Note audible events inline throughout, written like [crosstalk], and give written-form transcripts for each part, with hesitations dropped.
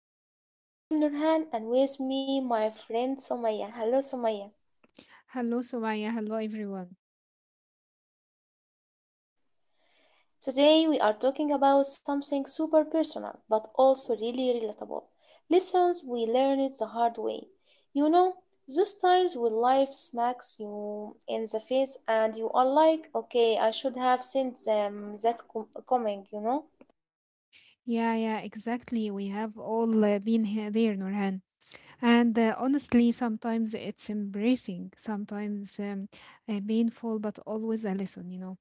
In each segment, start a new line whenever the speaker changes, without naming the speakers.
podcast. I am Nurhan and with me my friend Somaya. Hello Somaya.
Hello, Sumaya. Hello, everyone.
Today we are talking about something super personal but also really relatable. Lessons we learned the hard way. You know, those times when life smacks you in the face and you are like, okay, I should have seen them coming, you know.
Yeah, yeah, exactly. We have all been here, there, Nurhan. And honestly, sometimes it's embracing, sometimes painful, but always a lesson.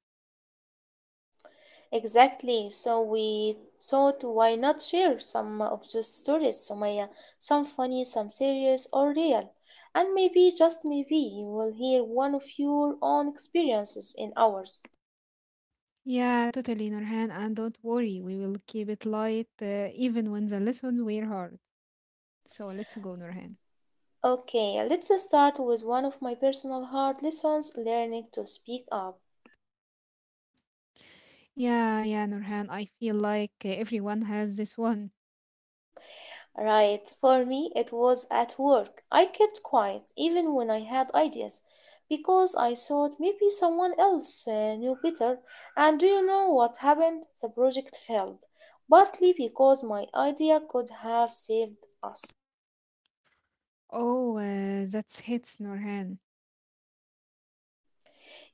Exactly. So we thought, why not share some of those stories, Sumaya? Some funny, some serious or real. And maybe, just maybe, you will hear one of your own experiences in ours.
Yeah, totally, Nurhan. And don't worry, we will keep it light, even when the lessons were hard. So let's go, Nurhan.
Okay, let's start with one of my personal hard lessons learning to speak up.
Yeah, yeah, Nurhan. I feel like everyone has this one.
Right, for me it was at work. I kept quiet even when I had ideas because I thought maybe someone else knew better. And do you know what happened? The project failed, partly because my idea could have saved us.
Oh, that's hits, Nurhan.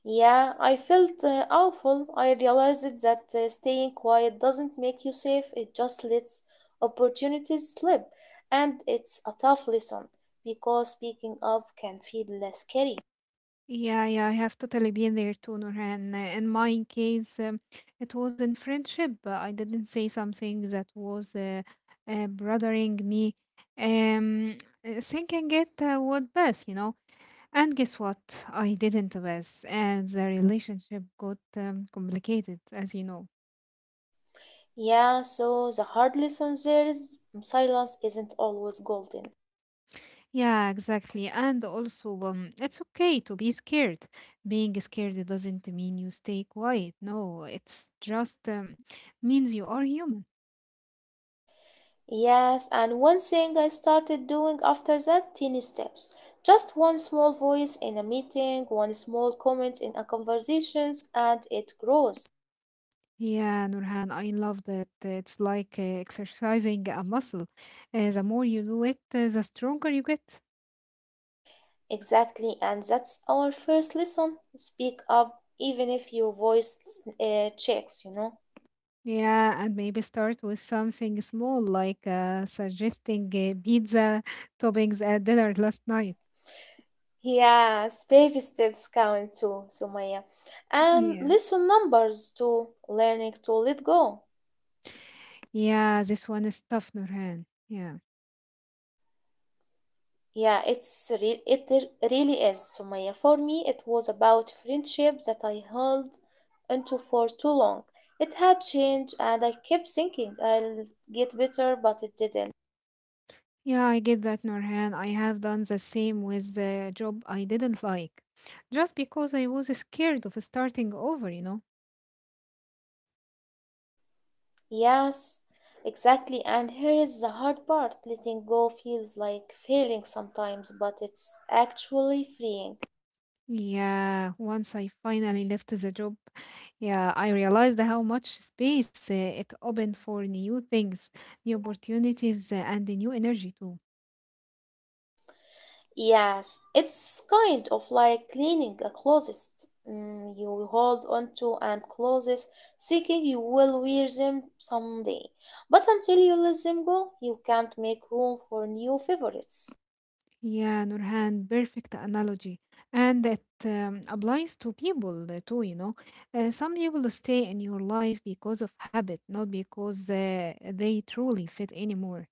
Yeah, I felt awful. I realized that staying quiet doesn't make you safe, it just lets opportunities slip. And it's a tough lesson because speaking up can feel less scary.
Yeah, yeah, I have totally been there too, Nurhan. In my case, it was in friendship. I didn't say something that was bothering me, um, thinking it would pass. And guess what? I didn't pass, and the relationship got complicated, as you know.
Yeah, so the hard lesson there is silence isn't always golden.
Yeah, exactly. And also, it's okay to be scared. Being scared doesn't mean you stay quiet. No, it's just means you are human.
Yes, and one thing I started doing after that tiny steps. Just one small voice in a meeting, one small comment in a conversations, and it grows.
Yeah, Nurhan, I love that. It's like exercising a muscle. The more you do it, the stronger you get.
Exactly, and that's our first lesson. Speak up even if your voice checks, you know.
Yeah, and maybe start with something small, like suggesting pizza toppings at dinner last night.
Yes, baby steps count too, Sumaya. And
Yeah.
lesson numbers too, learning to let go.
Yeah, this one is tough, Nurhan. Yeah.
Yeah, it's re- it r- really is, Sumaya. For me, it was about friendship that I held onto for too long. It had changed, and I kept thinking I'll get better, but it didn't.
Yeah, I get that, Nurhan. I have done the same with the job I didn't like, just because I was scared of starting over.
Yes, exactly. And here is the hard part letting go feels like failing sometimes, but it's actually freeing.
Yeah, once I finally left the job, yeah, I realized how much space it opened for new things, new opportunities, and the new energy too.
Yes, it's kind of like cleaning a closet. Mm, you hold onto and closes, thinking you will wear them someday. But until you let them go, you can't make room for new favorites.
Yeah, Nurhan, perfect analogy. And it applies to people too. Some people stay in your life because of habit, not because they truly fit anymore.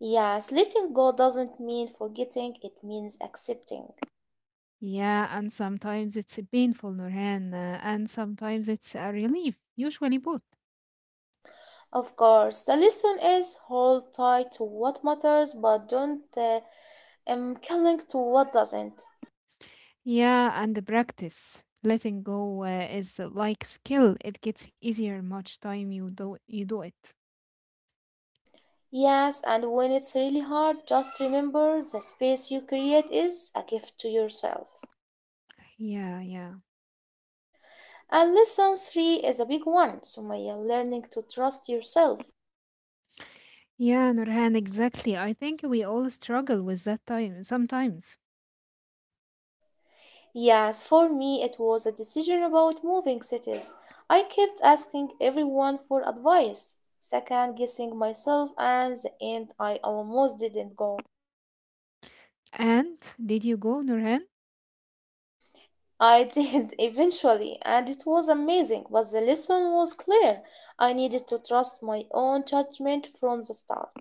Yes, letting go doesn't mean forgetting, it means accepting.
Yeah, and sometimes it's painful, Nurhan, and sometimes it's a relief, usually both.
Of course, the lesson is hold tight to what matters, but don't cling to what doesn't.
Yeah, and the practice. Letting go is like skill. It gets easier much time you do it.
Yes, and when it's really hard, just remember the space you create is a gift to yourself.
Yeah, yeah.
And lesson three is a big one, Sumaya, learning to trust yourself.
Yeah, Nurhan, exactly. I think we all struggle with that time sometimes.
Yes, for me, it was a decision about moving cities. I kept asking everyone for advice, second guessing myself, and the end, I almost didn't go.
And did you go, Nurhan?
I did [laughs] eventually, and it was amazing, but the lesson was clear. I needed to trust my own judgment from the start.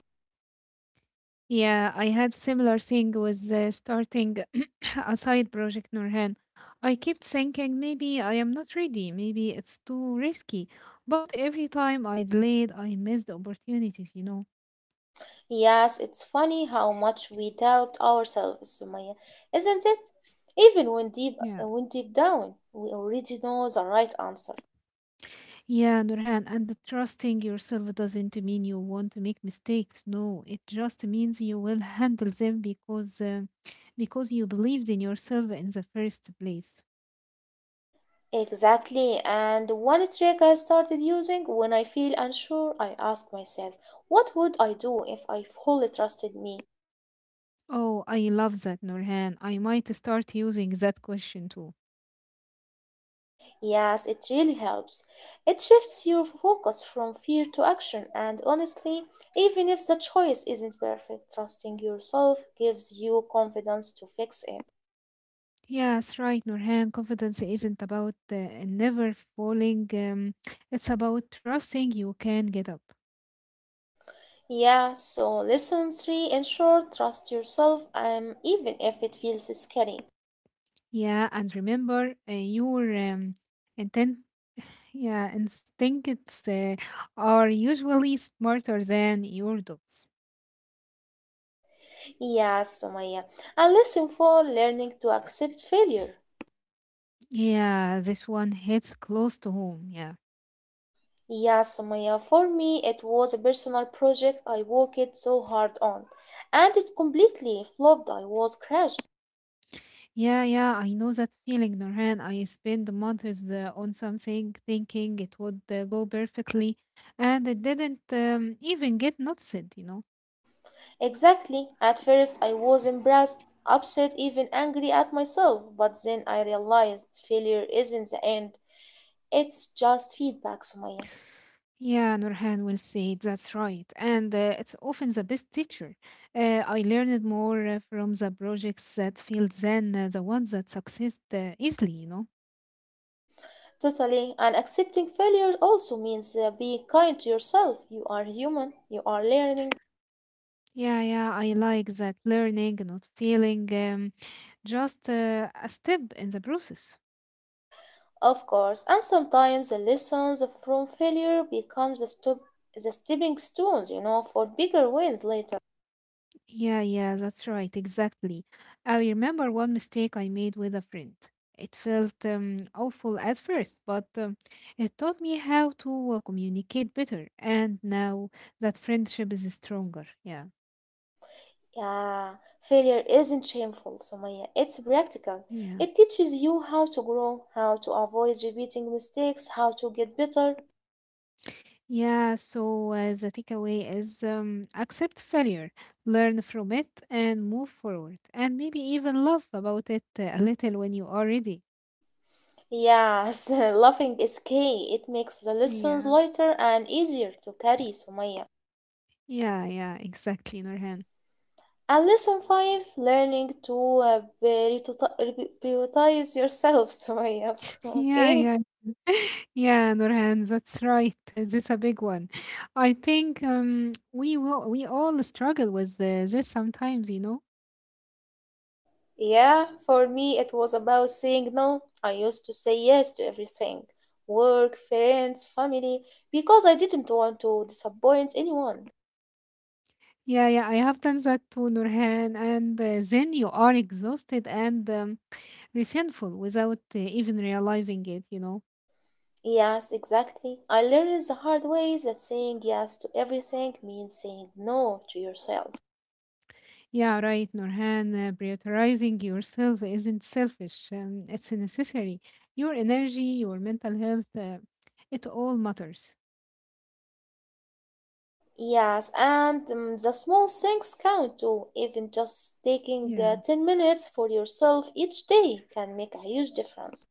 Yeah, I had similar thing with starting [coughs] a side project, Nurhan. I kept thinking maybe I am not ready, maybe it's too risky. But every time I delayed, I missed opportunities.
Yes, it's funny how much we doubt ourselves, Sumaya, isn't it? Even when
Yeah.
deep down, we already know the right answer.
Yeah, Nurhan, and trusting yourself doesn't mean you want to make mistakes. No, it just means you will handle them because you believed in yourself in the first place.
Exactly, and one trick I started using when I feel unsure, I ask myself, what would I do if I fully trusted me?
Oh, I love that, Nurhan. I might start using that question too.
Yes, it really helps. It shifts your focus from fear to action, and honestly, even if the choice isn't perfect, trusting yourself gives you confidence to fix it.
Yes, right, Nurhan. Confidence isn't about never falling. It's about trusting you can get up.
Yeah, so lesson three in short, trust yourself even if it feels scary.
Yeah, and remember your intent. [sighs] Yeah, instincts are usually smarter than your doubts.
Yeah, Sumaya. And lesson four, learning to accept failure.
Yeah, this one hits close to home. Yeah,
Yeah, Sumaya. For me, it was a personal project I worked so hard on. And it completely flopped. I was crushed.
yeah, yeah. I know that feeling, Norhan. I spent months on something thinking it would go perfectly, and it didn't even get noticed.
Exactly. At first, I was embarrassed, upset, even angry at myself. But then I realized failure isn't the end. It's just feedback, Sumaya.
Yeah, Nurhan will say that's right. And it's often the best teacher. I learned more from the projects that failed than the ones that succeed easily.
Totally. And accepting failure also means being kind to yourself. You are human, you are learning,
Yeah, yeah, I like that learning, not failing, just a step in the process.
of course. And sometimes the lessons from failure become the stepping stones, you know, for bigger wins later.
Yeah, yeah, that's right, exactly. I remember one mistake I made with a friend. It felt awful at first, but it taught me how to communicate better. And now that friendship is stronger. Yeah,
Yeah, failure isn't shameful, Sumaya. It's practical.
yeah.
It teaches you how to grow, how to avoid repeating mistakes, how to get better.
Yeah, so the takeaway is accept failure, learn from it, and move forward. And maybe even laugh about it a little when you are ready.
Yes, [laughs] laughing is key. It makes the lessons
Yeah,
lighter and easier to carry, Sumaya.
yeah, yeah, exactly, Norhan.
And lesson five, learning to prioritize yourself. [laughs] Sorry, of course,
Yeah,
okay.
yeah. [laughs] Yeah, Nurhan, that's right. This is a big one. I think we all struggle with this sometimes.
Yeah, for me it was about saying no. I used to say yes to everything work, friends, family, because I didn't want to disappoint anyone.
Yeah, yeah, I have done that too, Nurhan. And then you are exhausted and resentful without even realizing it.
Yes, exactly. I learned the hard way that saying yes to everything means saying no to yourself.
Yeah, right, Nurhan. Prioritizing yourself isn't selfish. It's necessary. Your energy, your mental health, it all matters.
Yes, and the small things count too. Even just taking
Yeah.
10 minutes for yourself each day can make a huge difference.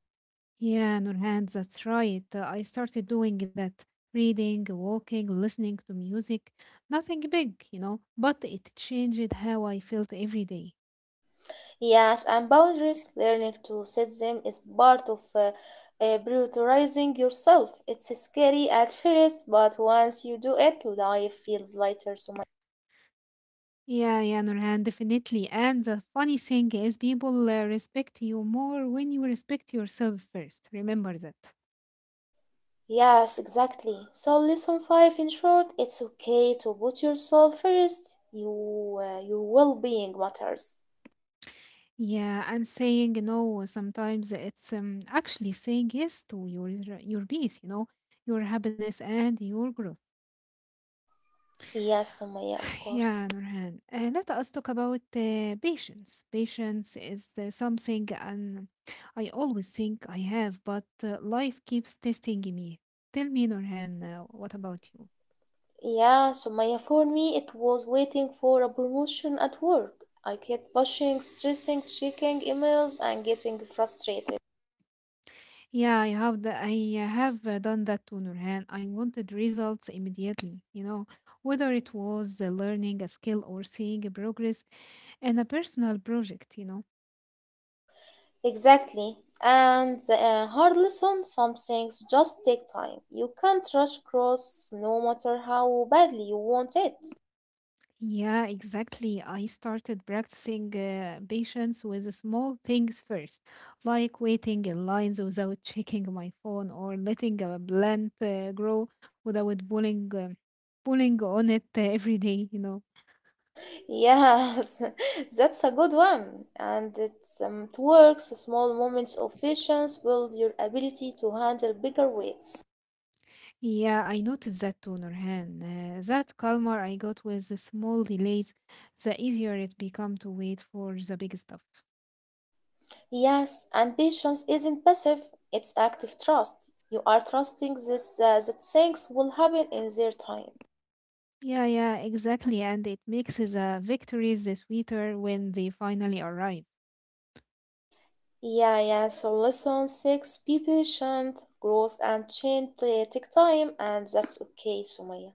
Yeah, Nurhan, that's right. I started doing that reading, walking, listening to music. Nothing big, but it changed how I felt every day.
Yes, and boundaries, learning to set them is part of prioritizing yourself. It's scary at first, but once you do it, life feels lighter so much.
Yeah, yeah, Nurhan, definitely. And the funny thing is, people respect you more when you respect yourself first. Remember that.
Yes, exactly. So lesson five in short, it's okay to put yourself first. Your well-being matters.
Yeah, and saying no sometimes it's actually saying yes to your peace, your happiness and your growth.
Yes, Sumaya, of course.
Yeah, Nurhan. Let us talk about patience. Patience is something and I always think I have, but life keeps testing me. Tell me, Nurhan, what about you?
Yeah, Sumaya, for me, it was waiting for a promotion at work. I kept pushing, stressing, checking emails, and getting frustrated.
Yeah, I have done that to Nurhan. I wanted results immediately, whether it was learning a skill or seeing a progress in a personal project.
Exactly. And the hard lesson some things just take time. You can't rush cross no matter how badly you want it.
Yeah, exactly. I started practicing patience with the small things first, like waiting in lines without [laughs] checking my phone or letting a plant grow without pulling on it every day.
Yes, [laughs] that's a good one. And it works. Small moments of patience build your ability to handle bigger weights.
Yeah, I noticed that too, Nurhan. That calmer I got with the small delays, the easier it become to wait for the big stuff.
Yes, and patience isn't passive, it's active trust. You are trusting this that things will happen in their time.
Yeah, yeah, exactly. And it makes the victories the sweeter when they finally arrive.
Yeah, yeah. So lesson six: be patient. Growth and change take time, and that's okay, Sumaya.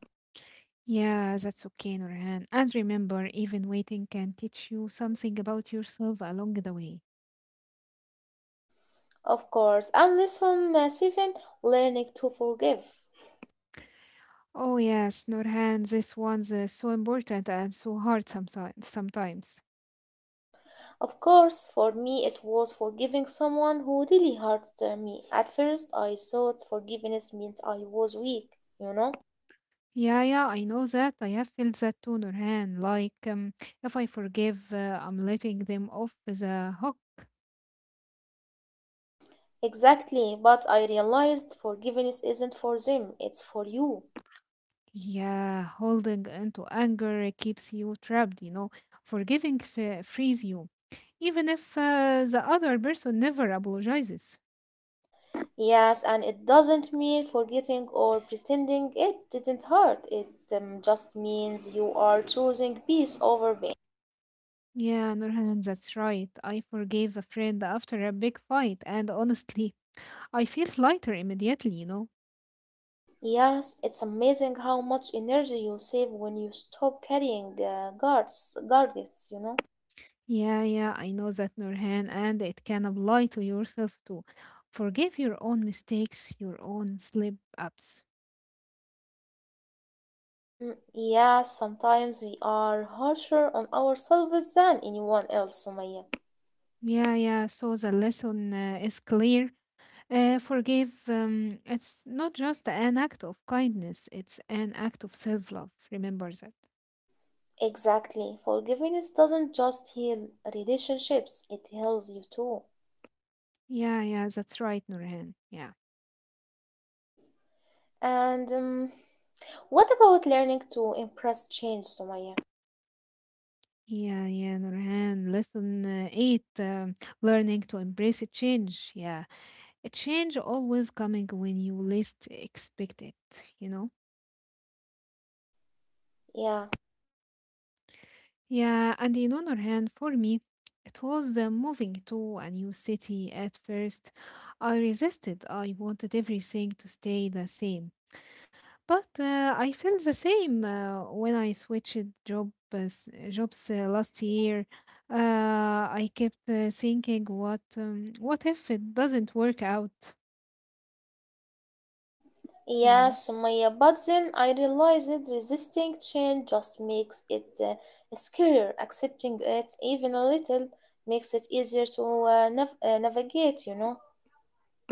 Yeah, that's okay, Nurhan. And remember, even waiting can teach you something about yourself along the way.
Of course. And lesson seven: learning to forgive.
Oh yes, Nurhan, this one's so important and so hard sometimes. Sometimes.
Of course, for me it was forgiving someone who really hurt me. At first, I thought forgiveness meant I was weak, you know.
Yeah, yeah, I know that. I have felt that too, Nurhan. Like, if I forgive, I'm letting them off the hook.
Exactly, but I realized forgiveness isn't for them, it's for you.
Yeah, holding into anger keeps you trapped. Forgiving frees you, even if the other person never apologizes.
Yes, and it doesn't mean forgetting or pretending it didn't hurt. It just means you are choosing peace over pain.
Yeah, Nurhan, that's right. I forgave a friend after a big fight, and honestly, [laughs] I feel lighter immediately, you know?
Yes, it's amazing how much energy you save when you stop carrying guards, you know?
Yeah, yeah, I know that, Nurhan, and it can apply to yourself too. Forgive your own mistakes, your own slip ups.
Mm, yes, sometimes we are harsher on ourselves than anyone else, Sumaya.
Yeah, yeah, so the lesson is clear. Forgive, it's not just an act of kindness, it's an act of self love. Remember that.
Exactly. Forgiveness doesn't just heal relationships, it heals you too.
Yeah, yeah, that's right, Nurhan. Yeah.
And what about learning to impress change, Sumaya?
Yeah, yeah, Nurhan. Lesson eight, learning to embrace a change. Yeah, a change always coming when you least expect it, you know?
Yeah.
Yeah, and Nurhan, for me, it was moving to a new city at first. I resisted. I wanted everything to stay the same. But I felt the same when I switched jobs last year. Uh, I kept thinking, what if it doesn't work out? You
Yeah,
know?
Sumaya. But then I realized that resisting change just makes it scarier. Accepting it, even a little, makes it easier to navigate, you know.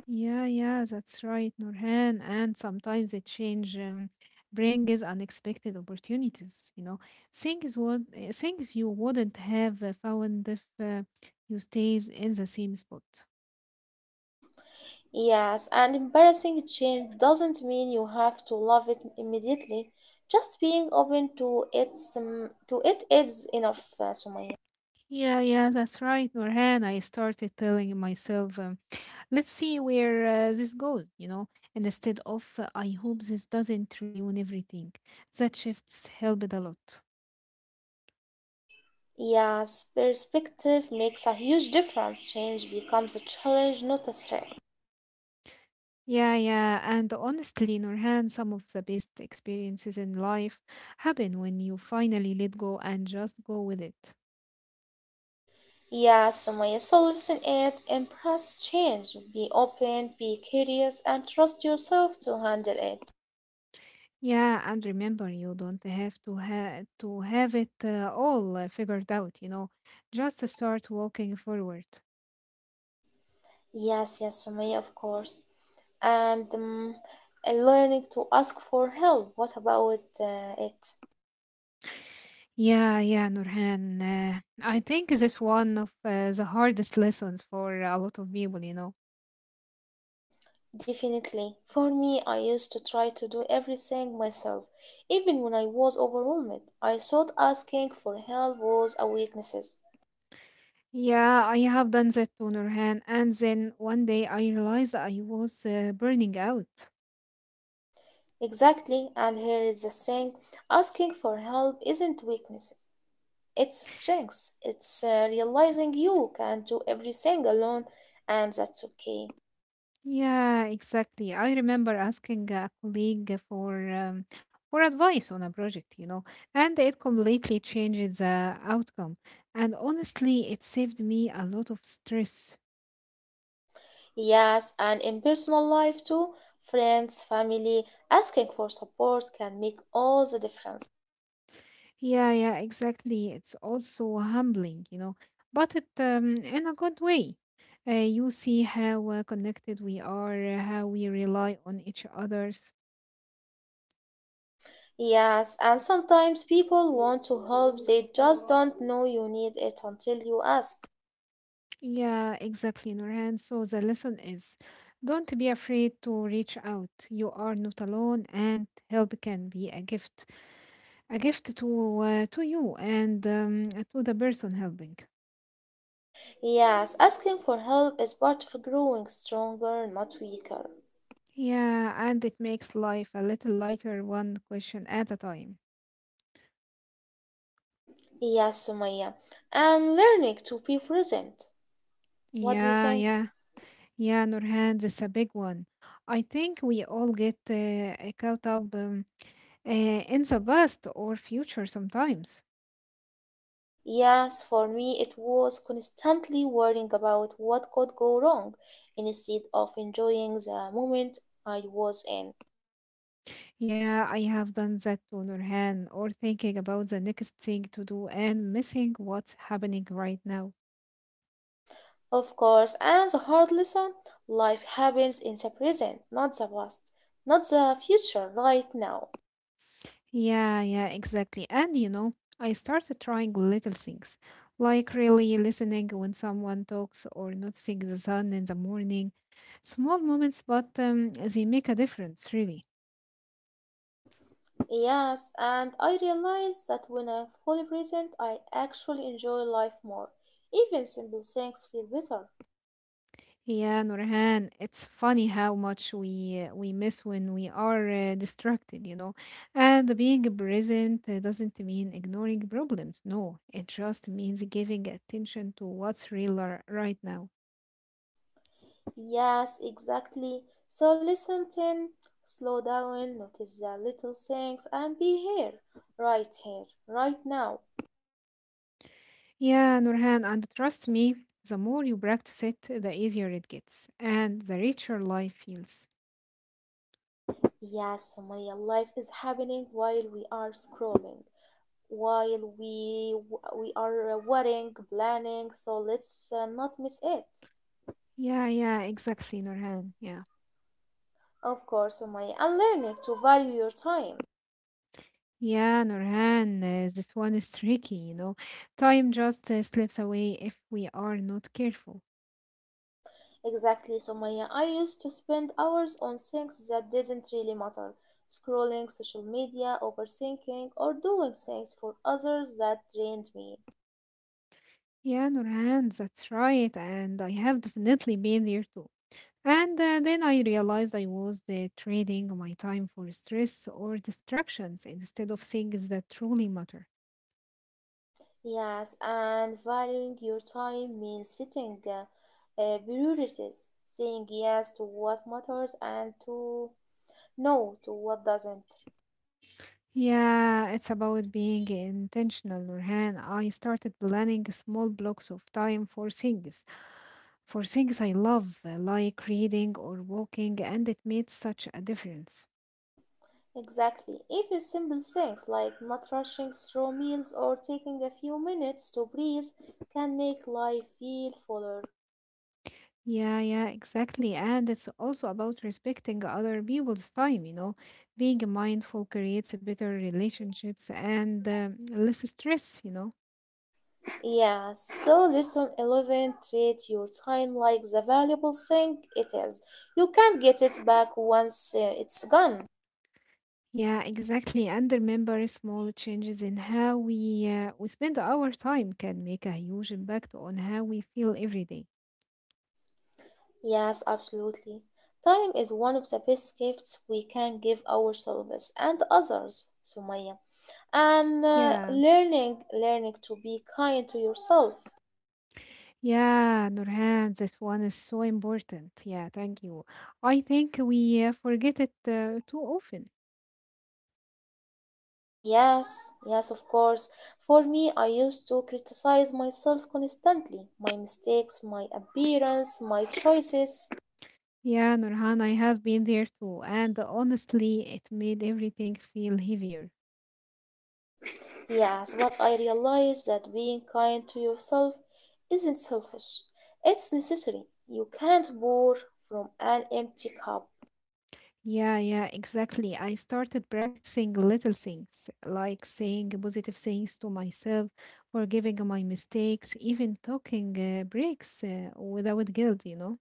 Yeah, yeah, that's right, Nurhan. And sometimes the change brings unexpected opportunities. Things you wouldn't have found if you stays in the same spot.
Yes, and embarrassing change doesn't mean you have to love it immediately. Just being open to its to it is enough, Sumaya.
Yeah, yeah, that's right, Nurhan. I started telling myself, let's see where this goes. And instead of, I hope this doesn't ruin everything. That shifts helped a lot.
Yes, perspective makes a huge difference. Change becomes a challenge, not a threat.
Yeah, yeah. And honestly, Nurhan, some of the best experiences in life happen when you finally let go and just go with it.
Yes, Sumaya. So listen it, embrace change, be open, be curious, and trust yourself to handle it.
Yeah, and remember, you don't have to to have it all figured out. Just start walking forward.
Yes, yes, Sumaya, of course. And um, and learning to ask for help. What about it?
Yeah, yeah, Nurhan. I think this one of the hardest lessons for a lot of people.
Definitely. For me, I used to try to do everything myself, even when I was overwhelmed. I thought asking for help was a weakness.
Yeah, I have done that to Nurhan, and then one day I realized I was burning out.
Exactly, and here is the thing asking for help isn't weakness, it's strength. It's realizing you can do everything alone, and that's okay.
Yeah, exactly. I remember asking a colleague for advice on a project, and it completely changed the outcome. And honestly, it saved me a lot of stress.
Yes, and in personal life too, friends, family, asking for support can make all the difference.
Yeah, yeah, exactly. It's also humbling, but it in a good way. You see how connected we are, how we rely on each other's.
Yes, and sometimes people want to help, they just don't know you need it until you ask.
Yeah, exactly, Nurhan. So the lesson is, don't be afraid to reach out. You are not alone, and help can be a gift to you and to the person helping.
Yes, asking for help is part of growing stronger, not weaker.
Yeah, and it makes life a little lighter, one question at a time.
Yes, Sumaya, and learning to be present. What do you
Yeah,
think?
yeah. Yeah, Nurhan, this a big one. I think we all get caught up in the past or future sometimes.
Yes, for me it was constantly worrying about what could go wrong instead of enjoying the moment I was in.
Yeah, I have done that to Nurhan, or thinking about the next thing to do and missing what's happening right now.
Of course, and the hard lesson life happens in the present, not the past, not the future, right now.
Yeah, yeah, exactly. And I started trying little things, like really listening when someone talks or noticing the sun in the morning. Small moments, but they make a difference, really.
Yes, and I realize that when I'm fully present, I actually enjoy life more. Even simple things feel better.
Yeah, Nurhan, it's funny how much we miss when we are distracted. And being present doesn't mean ignoring problems. No, it just means giving attention to what's real right now.
Yes, exactly. So listen in, slow down, notice the little things, and be here, right now.
Yeah, Nurhan, and trust me, the more you practice it, the easier it gets, and the richer life feels.
Yes, Sumaya, life is happening while we are scrolling. While we are worrying, planning. So let's not miss it.
Yeah, yeah, exactly, Nurhan. Yeah.
Of course, Sumaya, and learning to value your time.
Yeah, Nurhan, this one is [laughs] tricky. Time just slips away if we are not careful.
Exactly, Sumaya. I used to spend hours on things that didn't really matter, scrolling social media, overthinking, or doing things for others that drained me.
Yeah, Nurhan, that's right. And I have definitely been there too. And then I realized I was trading my time for stress or distractions instead of things that truly matter.
Yes, and valuing your time means setting priorities, saying yes to what matters and to no to what doesn't.
Yeah, it's about being intentional, Nurhan. I started planning small blocks of time for things I love, like reading or walking, and it made such a difference.
Exactly. Even simple things like not rushing through meals or taking a few minutes to breathe can make life feel fuller.
Yeah, yeah, exactly. And it's also about respecting other people's time. Being mindful creates better relationships and less stress.
Yeah, so lesson 11 treat your time like the valuable thing it is. You can't get it back once it's gone.
Yeah, exactly. And remember, small changes in how we spend our time can make a huge impact on how we feel every day.
Yes, absolutely. Time is one of the best gifts we can give ourselves and others, Sumaya. And
Yeah,
learning to be kind to yourself.
yeah, Nurhan, this one is so important. Yeah, thank you. I think we forget it too often.
Yes, yes, of course. For me, I used to criticize myself constantly my mistakes, my appearance, my choices.
Yeah, Nurhan, I have been there too, and honestly, it made everything feel heavier.
Yes, but I realized that being kind to yourself isn't selfish, it's necessary. You can't pour from an empty cup.
Yeah, yeah, exactly. I started practicing little things like saying positive things to myself, forgiving my mistakes, even talking breaks without guilt, you know?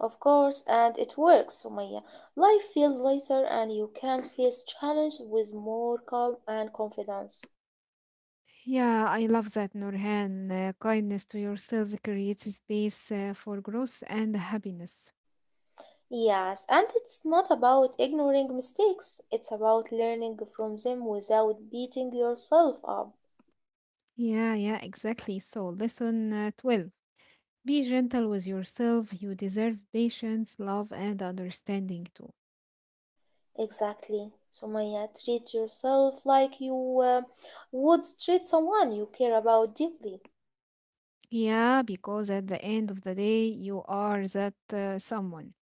Of course, and it works, Sumaya. Life feels lighter, and you can face challenges with more calm and confidence.
Yeah, I love that, Nurhan. Kindness to yourself creates space for growth and happiness.
Yes, and it's not about ignoring mistakes, it's about learning from them without beating yourself up.
Yeah, yeah, exactly. So, lesson 12, be gentle with yourself. You deserve patience, love, and understanding too.
Exactly. So, Maya, treat yourself like you would treat someone you care about deeply.
Yeah, because at the end of the day, you are that someone.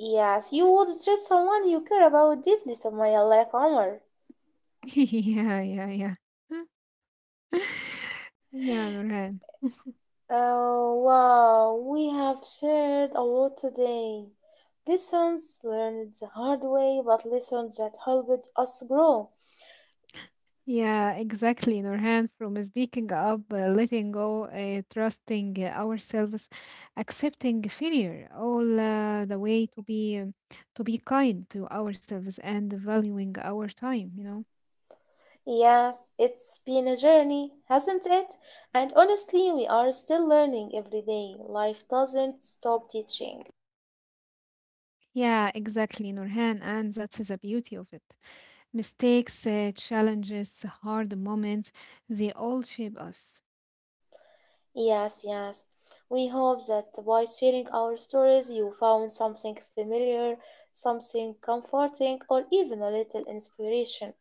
Yes, you would treat someone you care about deeply, Somaya, like Omar.
[laughs] yeah, yeah, yeah. [laughs] yeah, Nurhan.
Oh, wow, we have shared a lot today. Lessons learned the hard way, but lessons that helped us grow.
Yeah, exactly, Nurhan. From speaking up, letting go, trusting ourselves, accepting failure, all the way to be kind to ourselves and valuing our time.
Yes, it's been a journey, hasn't it? And honestly, we are still learning every day. Life doesn't stop teaching.
Yeah, exactly, Nurhan, and that's the beauty of it. Mistakes, challenges, hard moments, they all shape us.
Yes, yes. We hope that by sharing our stories, you found something familiar, something comforting, or even a little inspiration.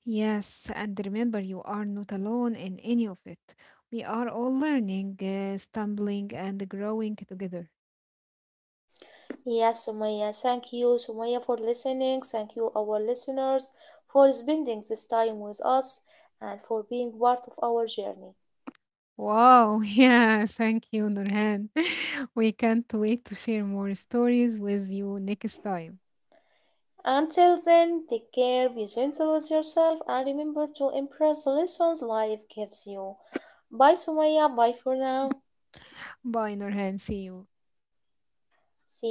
Yes, and remember you are not alone in any of it. We are all learning, stumbling, and growing together.
Yes, Sumaya, thank you, Sumaya, for listening. Thank you, our listeners, for spending this time with us and for being part of our journey.
Wow, [laughs] yeah, thank you, Nurhan. [laughs] We can't wait to share more stories with you next time.
Until then, take care, be gentle with yourself, and remember to embrace the lessons life gives you. Bye, Sumaya. Bye for now.
Bye, Nurhan. See you.
See you.